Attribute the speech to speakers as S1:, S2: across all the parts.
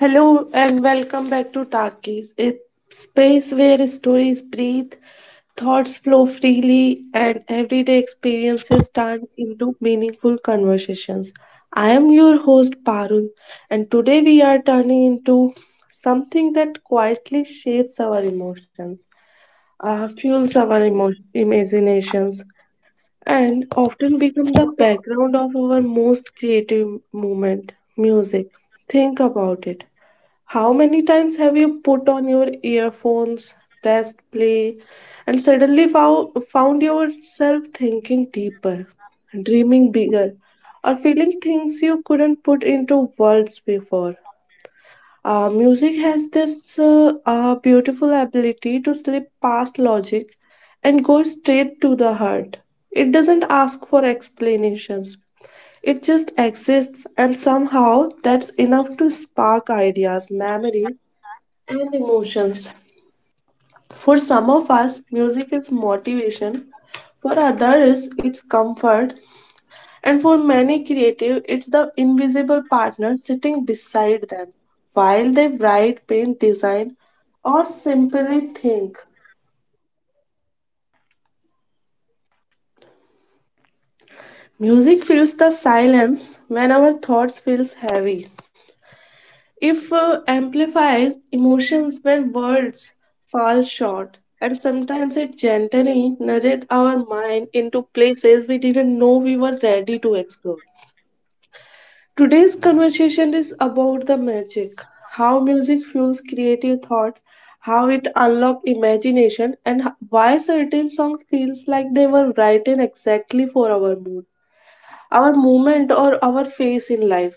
S1: Hello and welcome back to Talkies, a space where stories breathe, thoughts flow freely, and everyday experiences turn into meaningful conversations. I am your host Parul, and today we are turning into something that quietly shapes our emotions, fuels our imaginations, and often become the background of our most creative movement, music. Think about it. How many times have you put on your earphones, pressed play, and suddenly found yourself thinking deeper, dreaming bigger, or feeling things you couldn't put into words before? Music has this beautiful ability to slip past logic and go straight to the heart. It doesn't ask for explanations. It just exists, and somehow that's enough to spark ideas, memory, and emotions. For some of us, music is motivation; for others, it's comfort; and for many creative, it's the invisible partner sitting beside them while they write, paint, design, or simply think. Music fills the silence when our thoughts feels heavy. If amplifies emotions when words fall short, and sometimes it gently nudges our mind into places we didn't know we were ready to explore. Today's conversation is about the magic, how music fuels creative thoughts, how it unlocks imagination, and why certain songs feels like they were written exactly for our mood, our movement, or our face in life.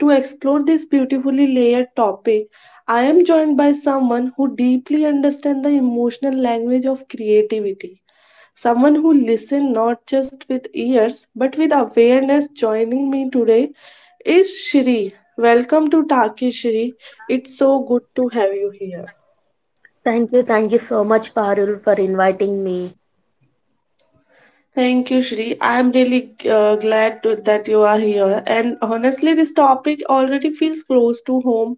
S1: To explore this beautifully layered topic, I am joined by someone who deeply understands the emotional language of creativity. Someone who listens not just with ears but with awareness. Joining me today is Shri. Welcome to Taki, Shri. It's so good to have you here.
S2: Thank you so much, Parul, for inviting me.
S1: Thank you, Shri. I'm really glad to, that you are here. And honestly, this topic already feels close to home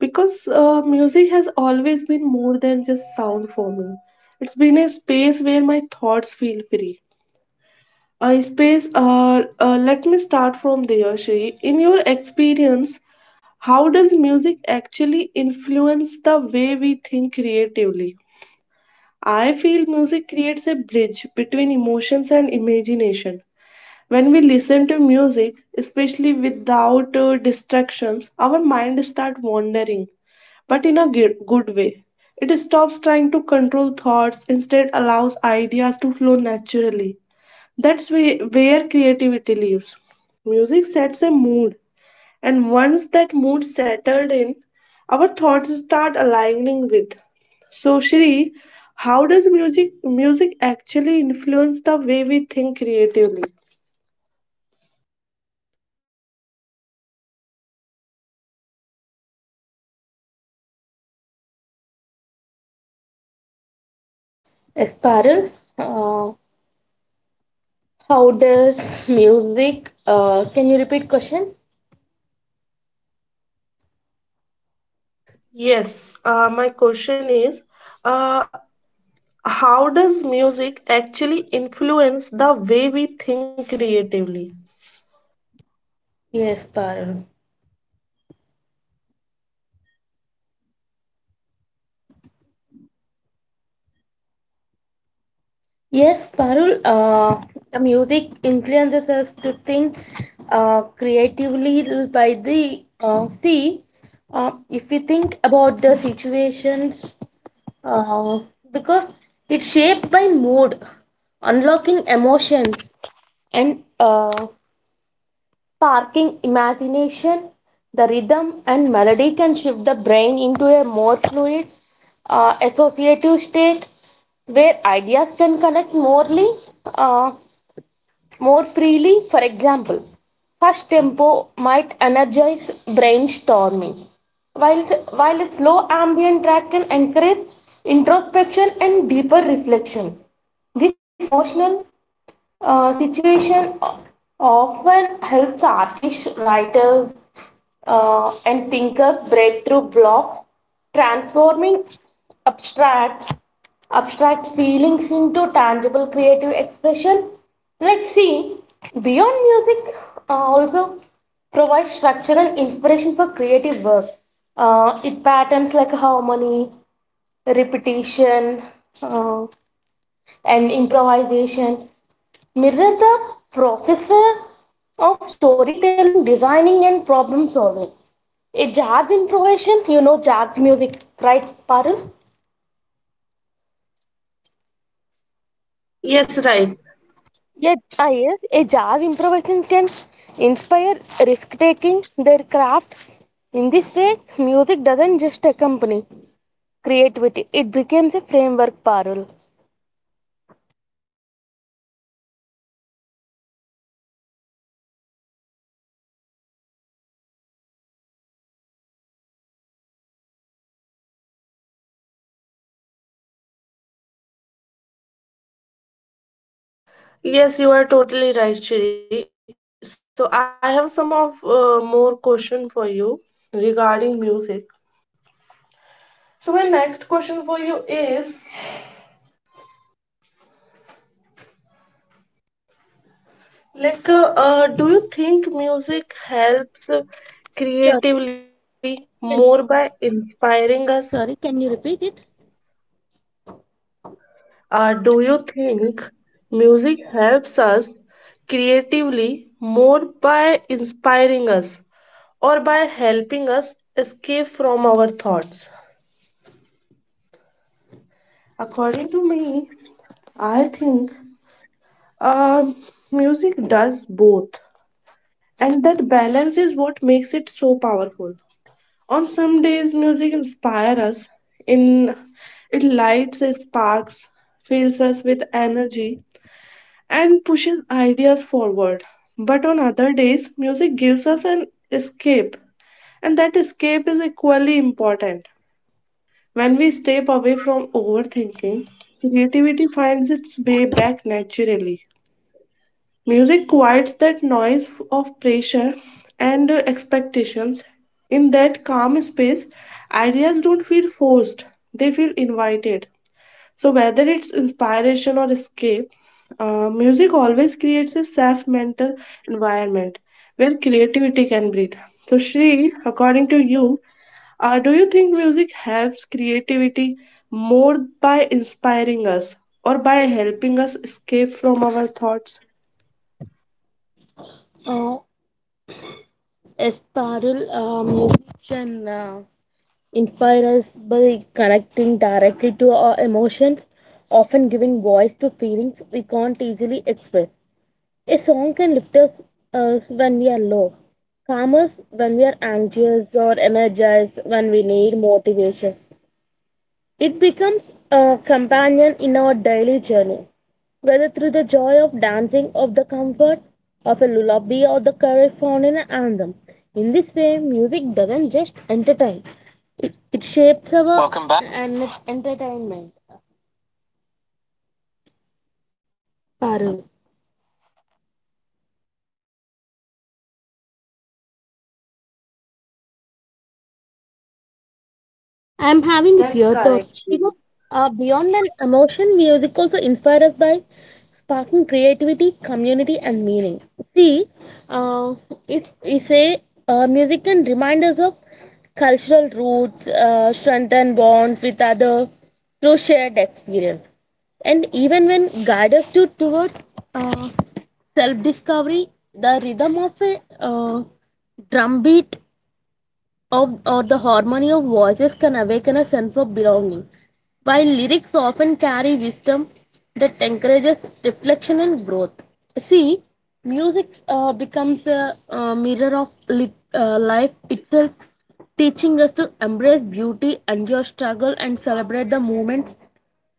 S1: because music has always been more than just sound for me. It's been a space where my thoughts feel free. A space, let me start from there, Shri. In your experience, how does music actually influence the way we think creatively? I feel music creates a bridge between emotions and imagination. When we listen to music, especially without distractions, our mind start wandering, but in a good way. It stops trying to control thoughts, instead allows ideas to flow naturally. That's where creativity lives. Music sets a mood, and once that mood settled in, our thoughts start aligning with. So, Shri, how does music actually influence the way we think creatively?
S2: Yes, Parul, uh, how does music? Can you repeat question?
S1: Yes, my question is, uh, how does music actually influence the way we think creatively?
S2: Yes, Parul. Yes, Parul. The music influences us to think creatively by the see. If we think about the situations, uh, because it's shaped by mood, unlocking emotions, and sparking imagination. The rhythm and melody can shift the brain into a more fluid, associative state where ideas can connect morely. Uh, more freely. For example, fast tempo might energize brainstorming, while, while a slow ambient track can encourage introspection and deeper reflection. This emotional situation often helps artists, writers, and thinkers breakthrough blocks, transforming abstract abstract feelings into tangible creative expression. Let's see. Beyond music, also provides structure and inspiration for creative work. It patterns like harmony, repetition. Uh, and improvisation mirror the processor of storytelling, designing, and problem solving. A jazz improvisation, you know jazz music, right, Parul?
S1: Yes, right.
S2: Yes, ah, yes, a jazz improvisation can inspire risk taking their craft. In this way, music doesn't just accompany creativity, it becomes a framework, Parul.
S1: Yes, you are totally right, Shri. So I have some of more question for you regarding music. So my next question for you is like, do you think music helps
S2: Sorry,
S1: creatively
S2: can,
S1: more by inspiring us.
S2: can you repeat it?
S1: Do you think music helps us creatively more by inspiring us or by helping us escape from our thoughts? According to me, I think um music does both, and that balance is what makes it so powerful. On some days, music inspires us, in it lights, it sparks, fills us with energy, and pushes ideas forward. But on other days, music gives us an escape, and that escape is equally important. When we step away from overthinking, creativity finds its way back naturally. Music quiets that noise of pressure and expectations. In that calm space, ideas don't feel forced, they feel invited. So, whether it's inspiration or escape, music always creates a safe mental environment where creativity can breathe. So, Shri, according to you, do you think music helps creativity more by inspiring us or by helping us escape from our thoughts?
S2: Uh, yes, Parul, musician. Inspire us by connecting directly to our emotions, often giving voice to feelings we can't easily express. A song can lift us, us when we are low, calm us when we are anxious, or energized when we need motivation. It becomes a companion in our daily journey, whether through the joy of dancing, of the comfort of a lullaby, or the courage found in an anthem. In this way, music doesn't just entertain. It shapes our Welcome back. And it's entertainment. Parul. I'm having few
S1: That's
S2: thoughts
S1: correct,
S2: because
S1: Shri.
S2: beyond an emotion, music also inspires us by sparking creativity, community, and meaning. See, uh, if we say music can remind us of cultural roots, strengthen bonds with other through shared experience, and even when guide us to towards uh, self-discovery, the rhythm of a drum beat of or the harmony of voices can awaken a sense of belonging. While lyrics often carry wisdom that encourages reflection and growth. See, music becomes a, mirror of life itself, teaching us to embrace beauty, endure struggle, and celebrate the moments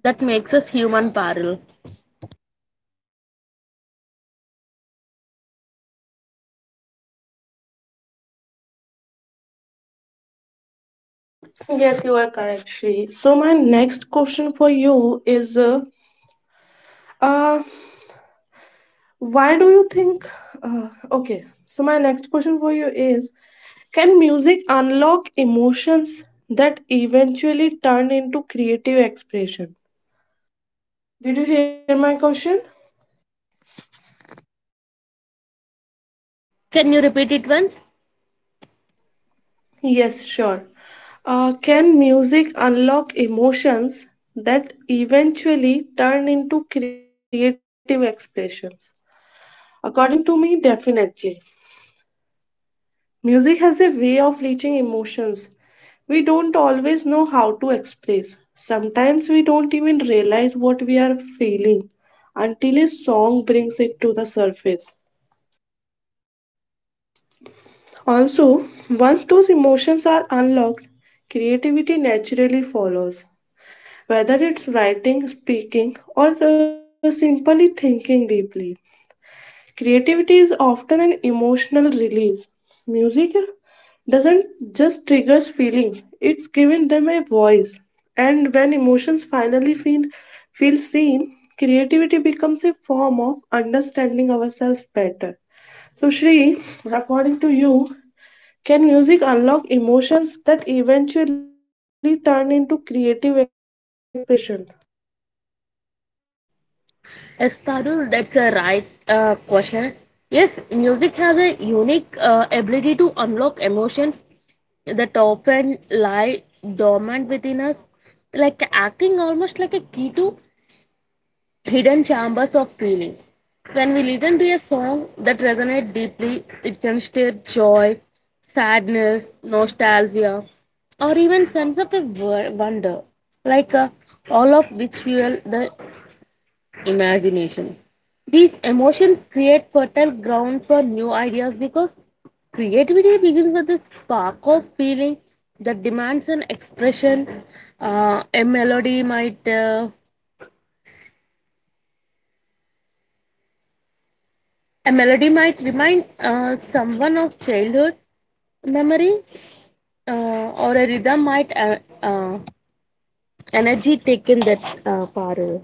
S2: that makes us human parallel.
S1: Yes, you are correct, Shri. So, my next question for you is uh, Why do you think? Okay, so my next question for you is, can music unlock emotions that eventually turn into creative expression? Did you hear my question?
S2: Can you repeat it once?
S1: Yes, sure. Can music unlock emotions that eventually turn into creative expressions? According to me, definitely. Music has a way of reaching emotions we don't always know how to express. Sometimes we don't even realize what we are feeling until a song brings it to the surface. Also, once those emotions are unlocked, creativity naturally follows, whether it's writing, speaking, or simply thinking deeply. Creativity is often an emotional release. Music doesn't just triggers feelings, it's giving them a voice. And when emotions finally feel seen, creativity becomes a form of understanding ourselves better. So, Shri, according to you, can music unlock emotions that eventually turn into creative expression?
S2: Yes, Parul, that's a right question. Yes, music has a unique ability to unlock emotions that often lie dormant within us, like acting almost like a key to hidden chambers of feeling. When we listen to a song that resonates deeply, it can stir joy, sadness, nostalgia, or even sense of a wonder, like uh, all of which fuel the imagination. These emotions create fertile ground for new ideas because creativity begins with a spark of feeling that demands an expression. A melody might remind someone of childhood memory, or a rhythm might uh, energy taken that far away.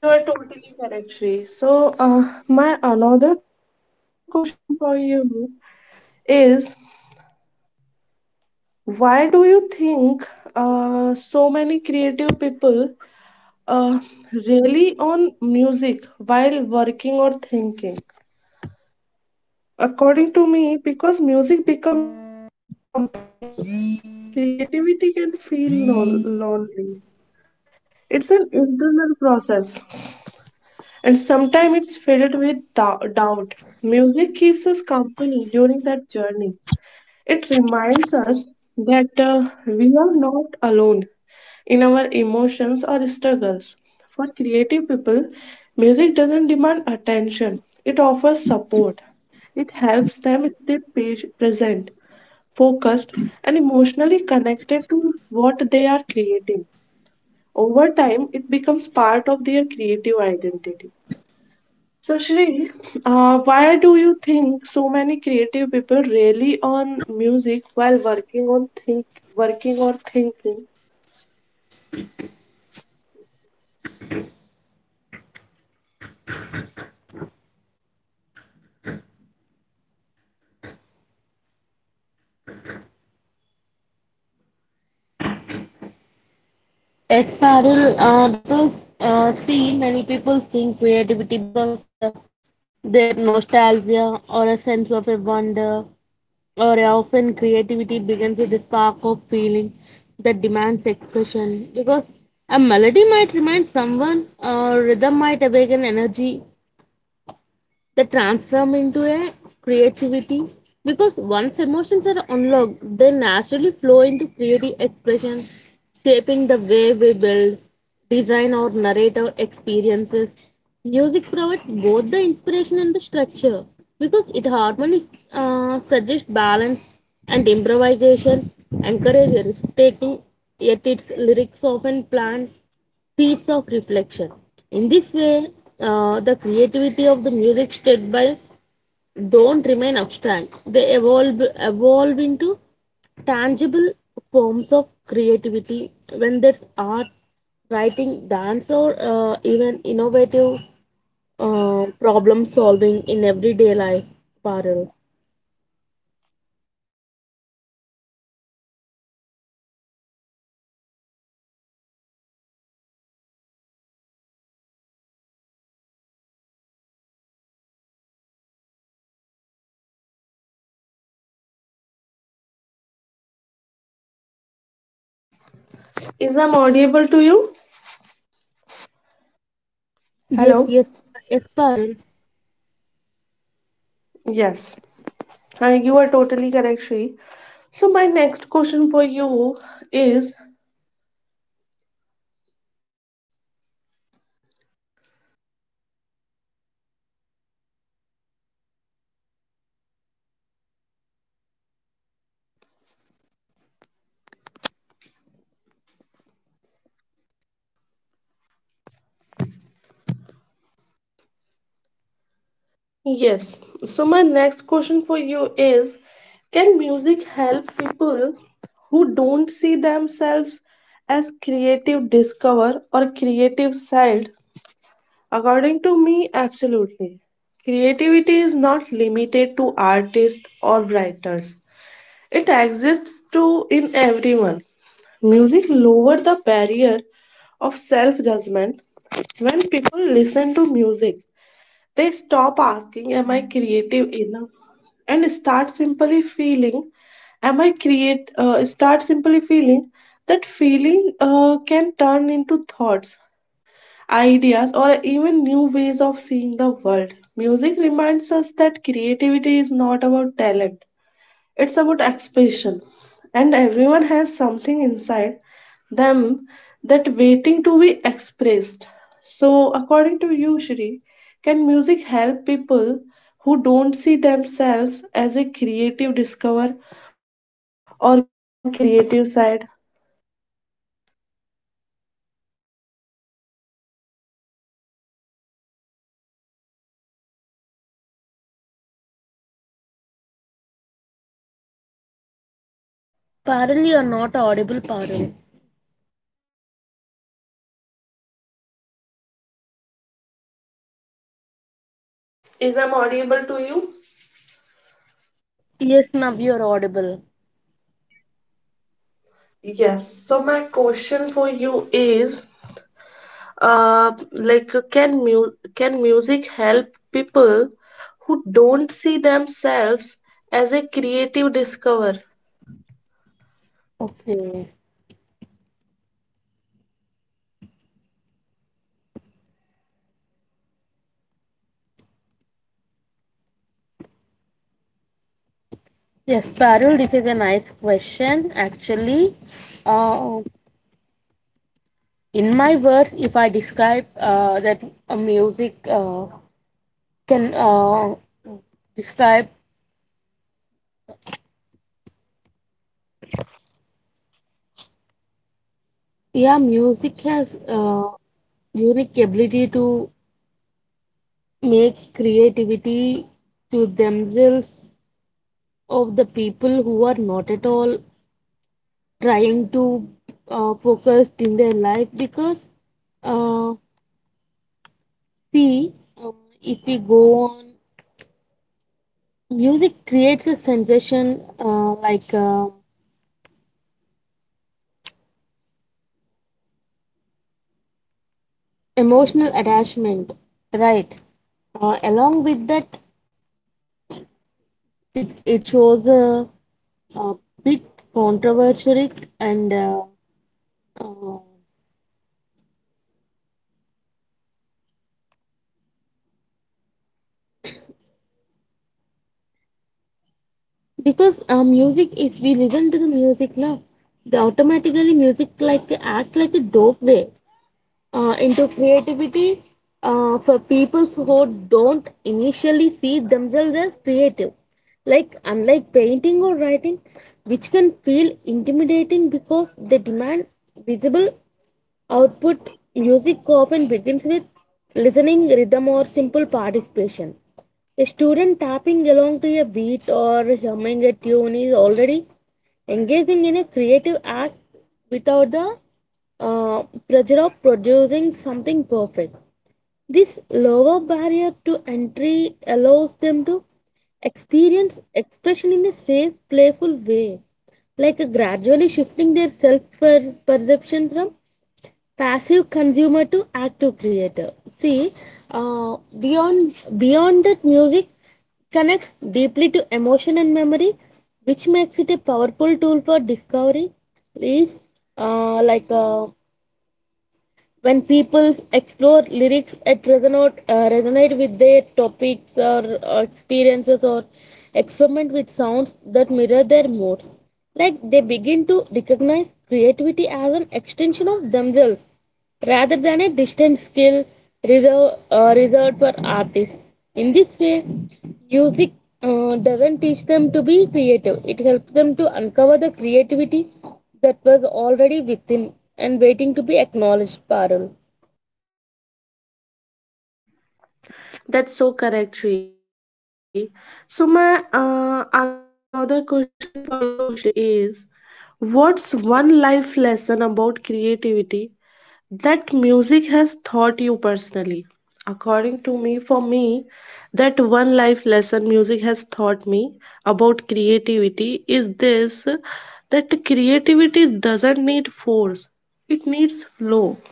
S1: You are totally correct, Shri. So, my another question for you is, why do you think so many creative people uh, rely on music while working or thinking? According to me, because music become a companion. Creativity can feel lonely. It's an internal process, and sometimes it's filled with doubt. Music keeps us company during that journey. It reminds us that we are not alone in our emotions or struggles. For creative people, music doesn't demand attention, it offers support. It helps them stay present, focused, and emotionally connected to what they are creating. Over time, it becomes part of their creative identity. So, Shri, why do you think so many creative people rely on music while working or thinking?
S2: It's parallel because see many people think creativity because their nostalgia or a sense of a wonder or often creativity begins with a spark of feeling that demands expression because a melody might remind someone or rhythm might awaken energy they transform into a creativity because once emotions are unlocked they naturally flow into creative expression shaping the way we build design or narrate our experiences music provides both the inspiration and the structure because it harmonies suggests balance and improvisation encourages risk taking yet its lyrics often planned seeds of reflection. In this way, the creativity of the music state by don't remain abstract. They evolve into tangible forms of creativity. When there's art, writing, dance, or even innovative problem solving in everyday life, Parul.
S1: Is I'm audible to you?
S2: Yes,
S1: Hello.
S2: yes, yes, Parul.
S1: Yes, you are totally correct, Shri. So my next question for you is, yes. So my next question for you is, can music help people who don't see themselves as creative discover or creative side? According to me, absolutely. Creativity is not limited to artists or writers. It exists too in everyone. Music lowers the barrier of self-judgment. When people listen to music, they stop asking, "Am I creative enough?" and start simply feeling, "Am I create?" Start simply feeling that feeling can turn into thoughts, ideas, or even new ways of seeing the world. Music reminds us that creativity is not about talent, it's about expression, and everyone has something inside them that waiting to be expressed. So, according to you, Shri, can music help people who don't see themselves as a creative discover or creative side?
S2: Parul, you're not audible, Parul.
S1: Is I'm audible to you?
S2: Yes, now you're audible.
S1: Yes. So my question for you is, like, can mu- can music help people who don't see themselves as a creative discover,
S2: Okay. Yes, Parul, this is a nice question. Actually, uh, in my words, if I describe that music can describe, yeah, music has unique ability to make creativity to themselves of the people who are not at all trying to focused in their life because uh, see um, if we go on Music creates a sensation emotional attachment, right? Along with that, it shows a bit controversial and uh, because music, if we listen to the music now, the automatically music like act like a dope way. Into creativity for people who don't initially see themselves as creative. Like, unlike painting or writing, which can feel intimidating because they demand visible Output music often begins with listening, rhythm, or simple participation. A student tapping along to a beat or humming a tune is already engaging in a creative act without the uh, pressure of producing something perfect. This lower barrier to entry allows them to experience expression in a safe, playful way, like gradually shifting their self perception from passive consumer to active creator see beyond that music connects deeply to emotion and memory which makes it a powerful tool for discovery is uh, like uh, when people explore lyrics that resonate with their topics or experiences or experiment with sounds that mirror their moods like they begin to recognize creativity as an extension of themselves rather than a distant skill reserved, reserved for artists in this way music doesn't teach them to be creative it helps them to uncover the creativity that was already within and waiting to be acknowledged, Parul.
S1: that's so correct, Shri. So my another question for you, Shri, is what's one life lesson about creativity that music has taught you personally? According to me, for me, that one life lesson music has taught me about creativity is this, that creativity doesn't need force, it needs flow.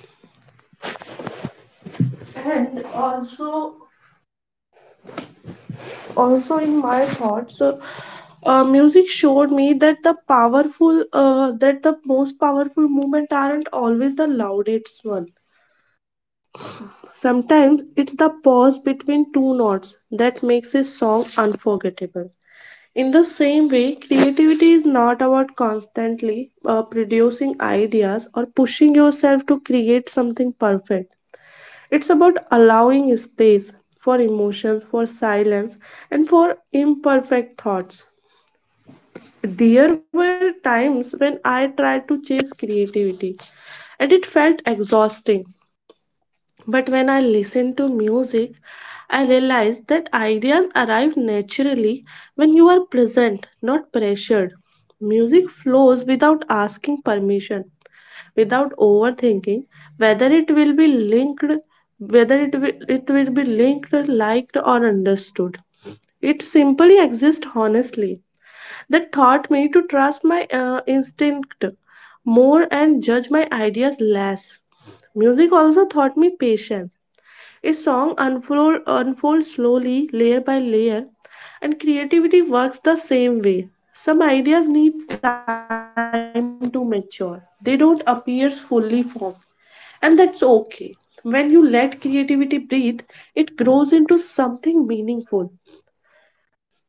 S1: And also, also in my thoughts, music showed me that the powerful that the most powerful movement aren't always the loudest one. Sometimes it's the pause between two notes that makes a song unforgettable. In the same way, creativity is not about constantly producing ideas or pushing yourself to create something perfect. It's about allowing space for emotions, for silence, and for imperfect thoughts. There were times when I tried to chase creativity and it felt exhausting, but when I listen to music, I realize that ideas arrive naturally when you are present, not pressured. Music flows without asking permission, without overthinking whether it will be linked, it will be linked, liked, or understood. It simply exists honestly. That taught me to trust my instinct more and judge my ideas less. Music also taught me patience. A unfolds slowly, layer by layer, and creativity works the same way. Some ideas need time to mature, they don't appear fully formed, and that's okay. When you let creativity breathe, it grows into something meaningful.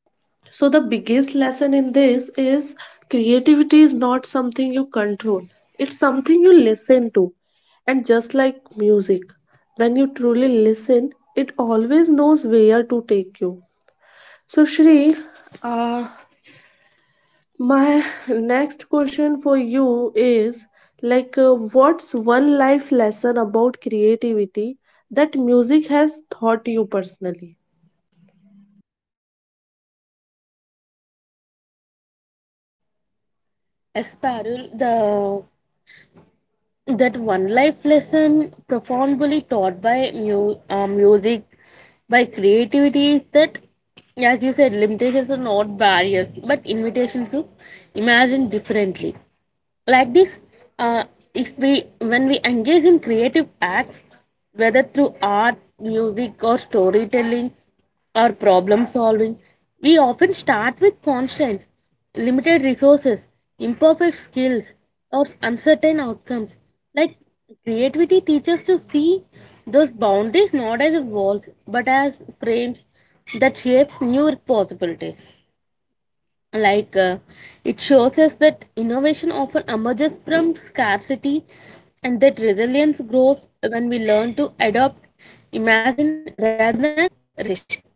S1: So, the biggest lesson in this is, creativity is not something you control, it's something you listen to. And just like music, when you truly listen, it always knows where to take you. So, Shri, uh, my next question for you is, like, what's one life lesson about creativity that music has taught you personally?
S2: As Parul, the that one life lesson profoundly taught by music, by creativity is that, as you said, limitations are not barriers but invitations to imagine differently. Like this, uh, if we when we engage in creative acts, whether through art, music, or storytelling, or problem solving, we often start with constraints, limited resources, imperfect skills, or uncertain outcomes. Like creativity teaches us to see those boundaries not as walls but as frames that shapes new possibilities. Like it shows us that innovation often emerges from scarcity and that resilience grows when we learn to adopt, imagine rather than resist.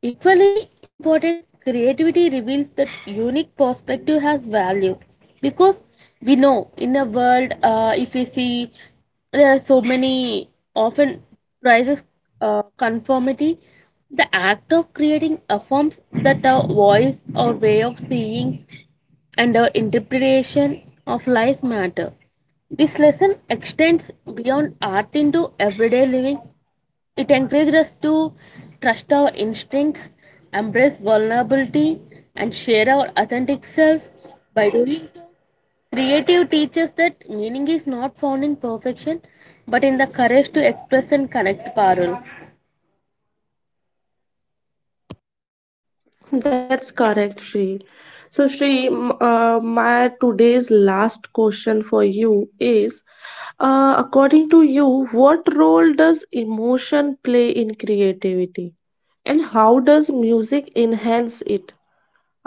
S2: Equally important, creativity reveals that unique perspective has value because we know in a world, if we see there are so many often prizes conformity, the act of creating affirms that our voice, our way of seeing, and our interpretation of life matter. This lesson extends beyond art into everyday living it encouraged us to trust our instincts, embrace vulnerability, and share our authentic selves. By doing so, creative teaches that meaning is not found in perfection, but in the courage to express and connect, Parul.
S1: That's correct, Shree. So, Shree, my today's last question for you is, according to you, what role does emotion play in creativity and how does music enhance it?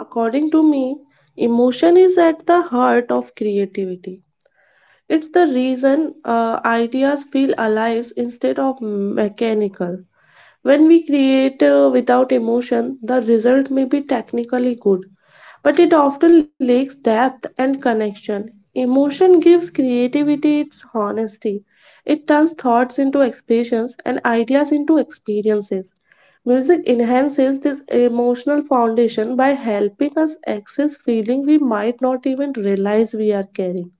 S1: According to me, emotion is at the heart of creativity. It's the reason ideas feel alive instead of mechanical. When we create without emotion, the result may be technically good, but it often lacks depth and connection. Emotion gives creativity its honesty. It turns thoughts into expressions and ideas into experiences. Music enhances this emotional foundation by helping us access feelings we might not even realize we are carrying.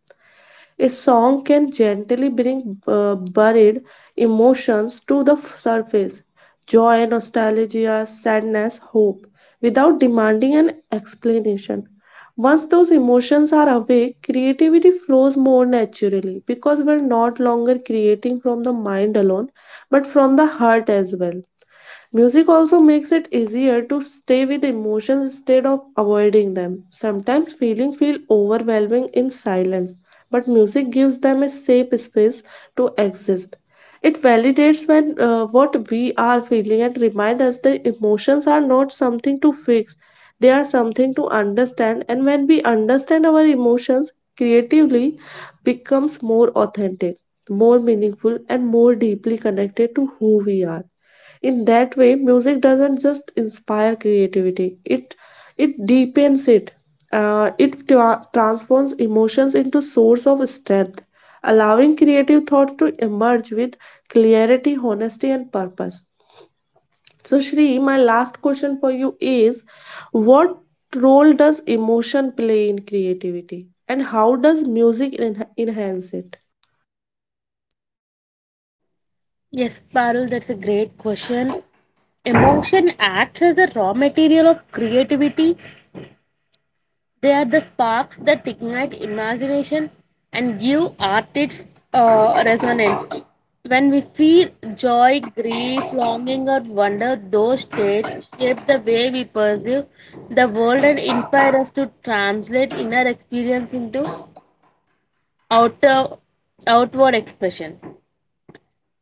S1: A song can gently bring buried emotions to the surface: joy, nostalgia, sadness, hope, without demanding an explanation. Once those emotions are awake, creativity flows more naturally because we're not longer creating from the mind alone but from the heart as well. Music also makes it easier to stay with emotions instead of avoiding them. Sometimes feelings feel overwhelming in silence, but music gives them a safe space to exist. It validates when what we are feeling and reminds us the emotions are not something to fix. They are something to understand, and when we understand our emotions creatively becomes more authentic, more meaningful, and more deeply connected to who we are. In that way, music doesn't just inspire creativity, it deepens it. It transforms emotions into source of strength, allowing creative thoughts to emerge with clarity, honesty, and purpose. So, Shri, my last question for you is, what role does emotion play in creativity and how does music enhance it?
S2: Yes, Parul, that's a great question. Emotion acts as a raw material of creativity. They are the sparks that ignite imagination and give art its resonance. When we feel joy, grief, longing, or wonder, those states shape the way we perceive the world and inspire us to translate inner experience into outer, outward expression.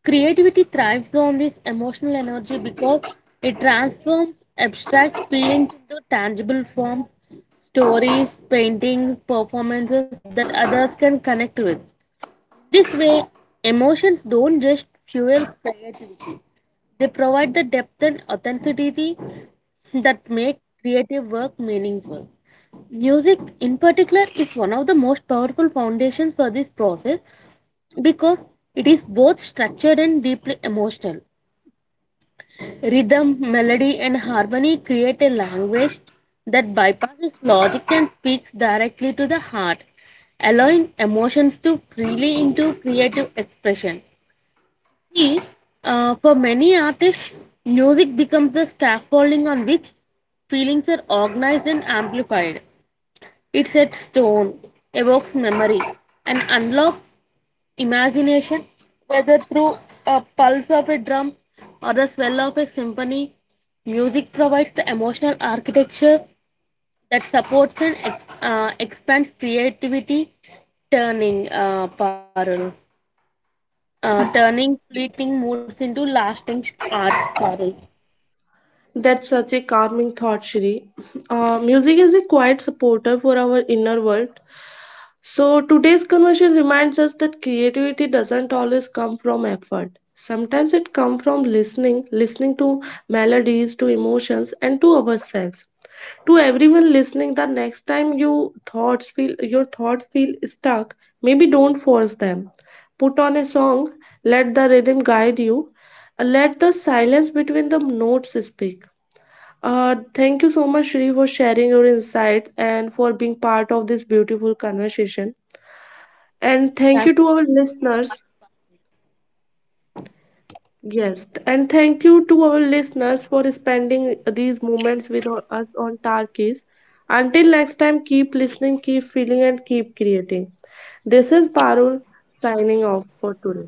S2: Creativity thrives on this emotional energy because it transforms abstract feelings into tangible forms, stories, paintings, performances that others can connect with. This way, emotions don't just fuel creativity, they provide the depth and authenticity that make creative work meaningful. Music, in particular, is one of the most powerful foundations for this process because it is both structured and deeply emotional. Rhythm, melody, and harmony create a language that bypasses logic and speaks directly to the heart, allowing emotions to freely into creative expression. See, for many artists, music becomes the scaffolding on which feelings are organized and amplified. It sets tone, evokes memory, and unlocks imagination, whether through a pulse of a drum or the swell of a symphony. Music provides the emotional architecture that supports and expands creativity, turning uh, Parul, turning fleeting moods into lasting art. Parul.
S1: That's such a calming thought, Shri. Music is a quiet supporter for our inner world. So, today's conversation reminds us that creativity doesn't always come from effort. Sometimes it comes from listening, listening to melodies, to emotions, and to ourselves. To everyone listening, the next time you thoughts feel your thoughts feel stuck, maybe don't force them. Put on a song, let the rhythm guide you, let the silence between the notes speak. Thank you so much, Shri, for sharing your insight and for being part of this beautiful conversation. And thank
S2: Thank
S1: you to our listeners.
S2: so
S1: Yes, and thank you to our listeners for spending these moments with us on Tarkis. Until next time, keep listening, keep feeling, and keep creating. This is Parul signing off for today.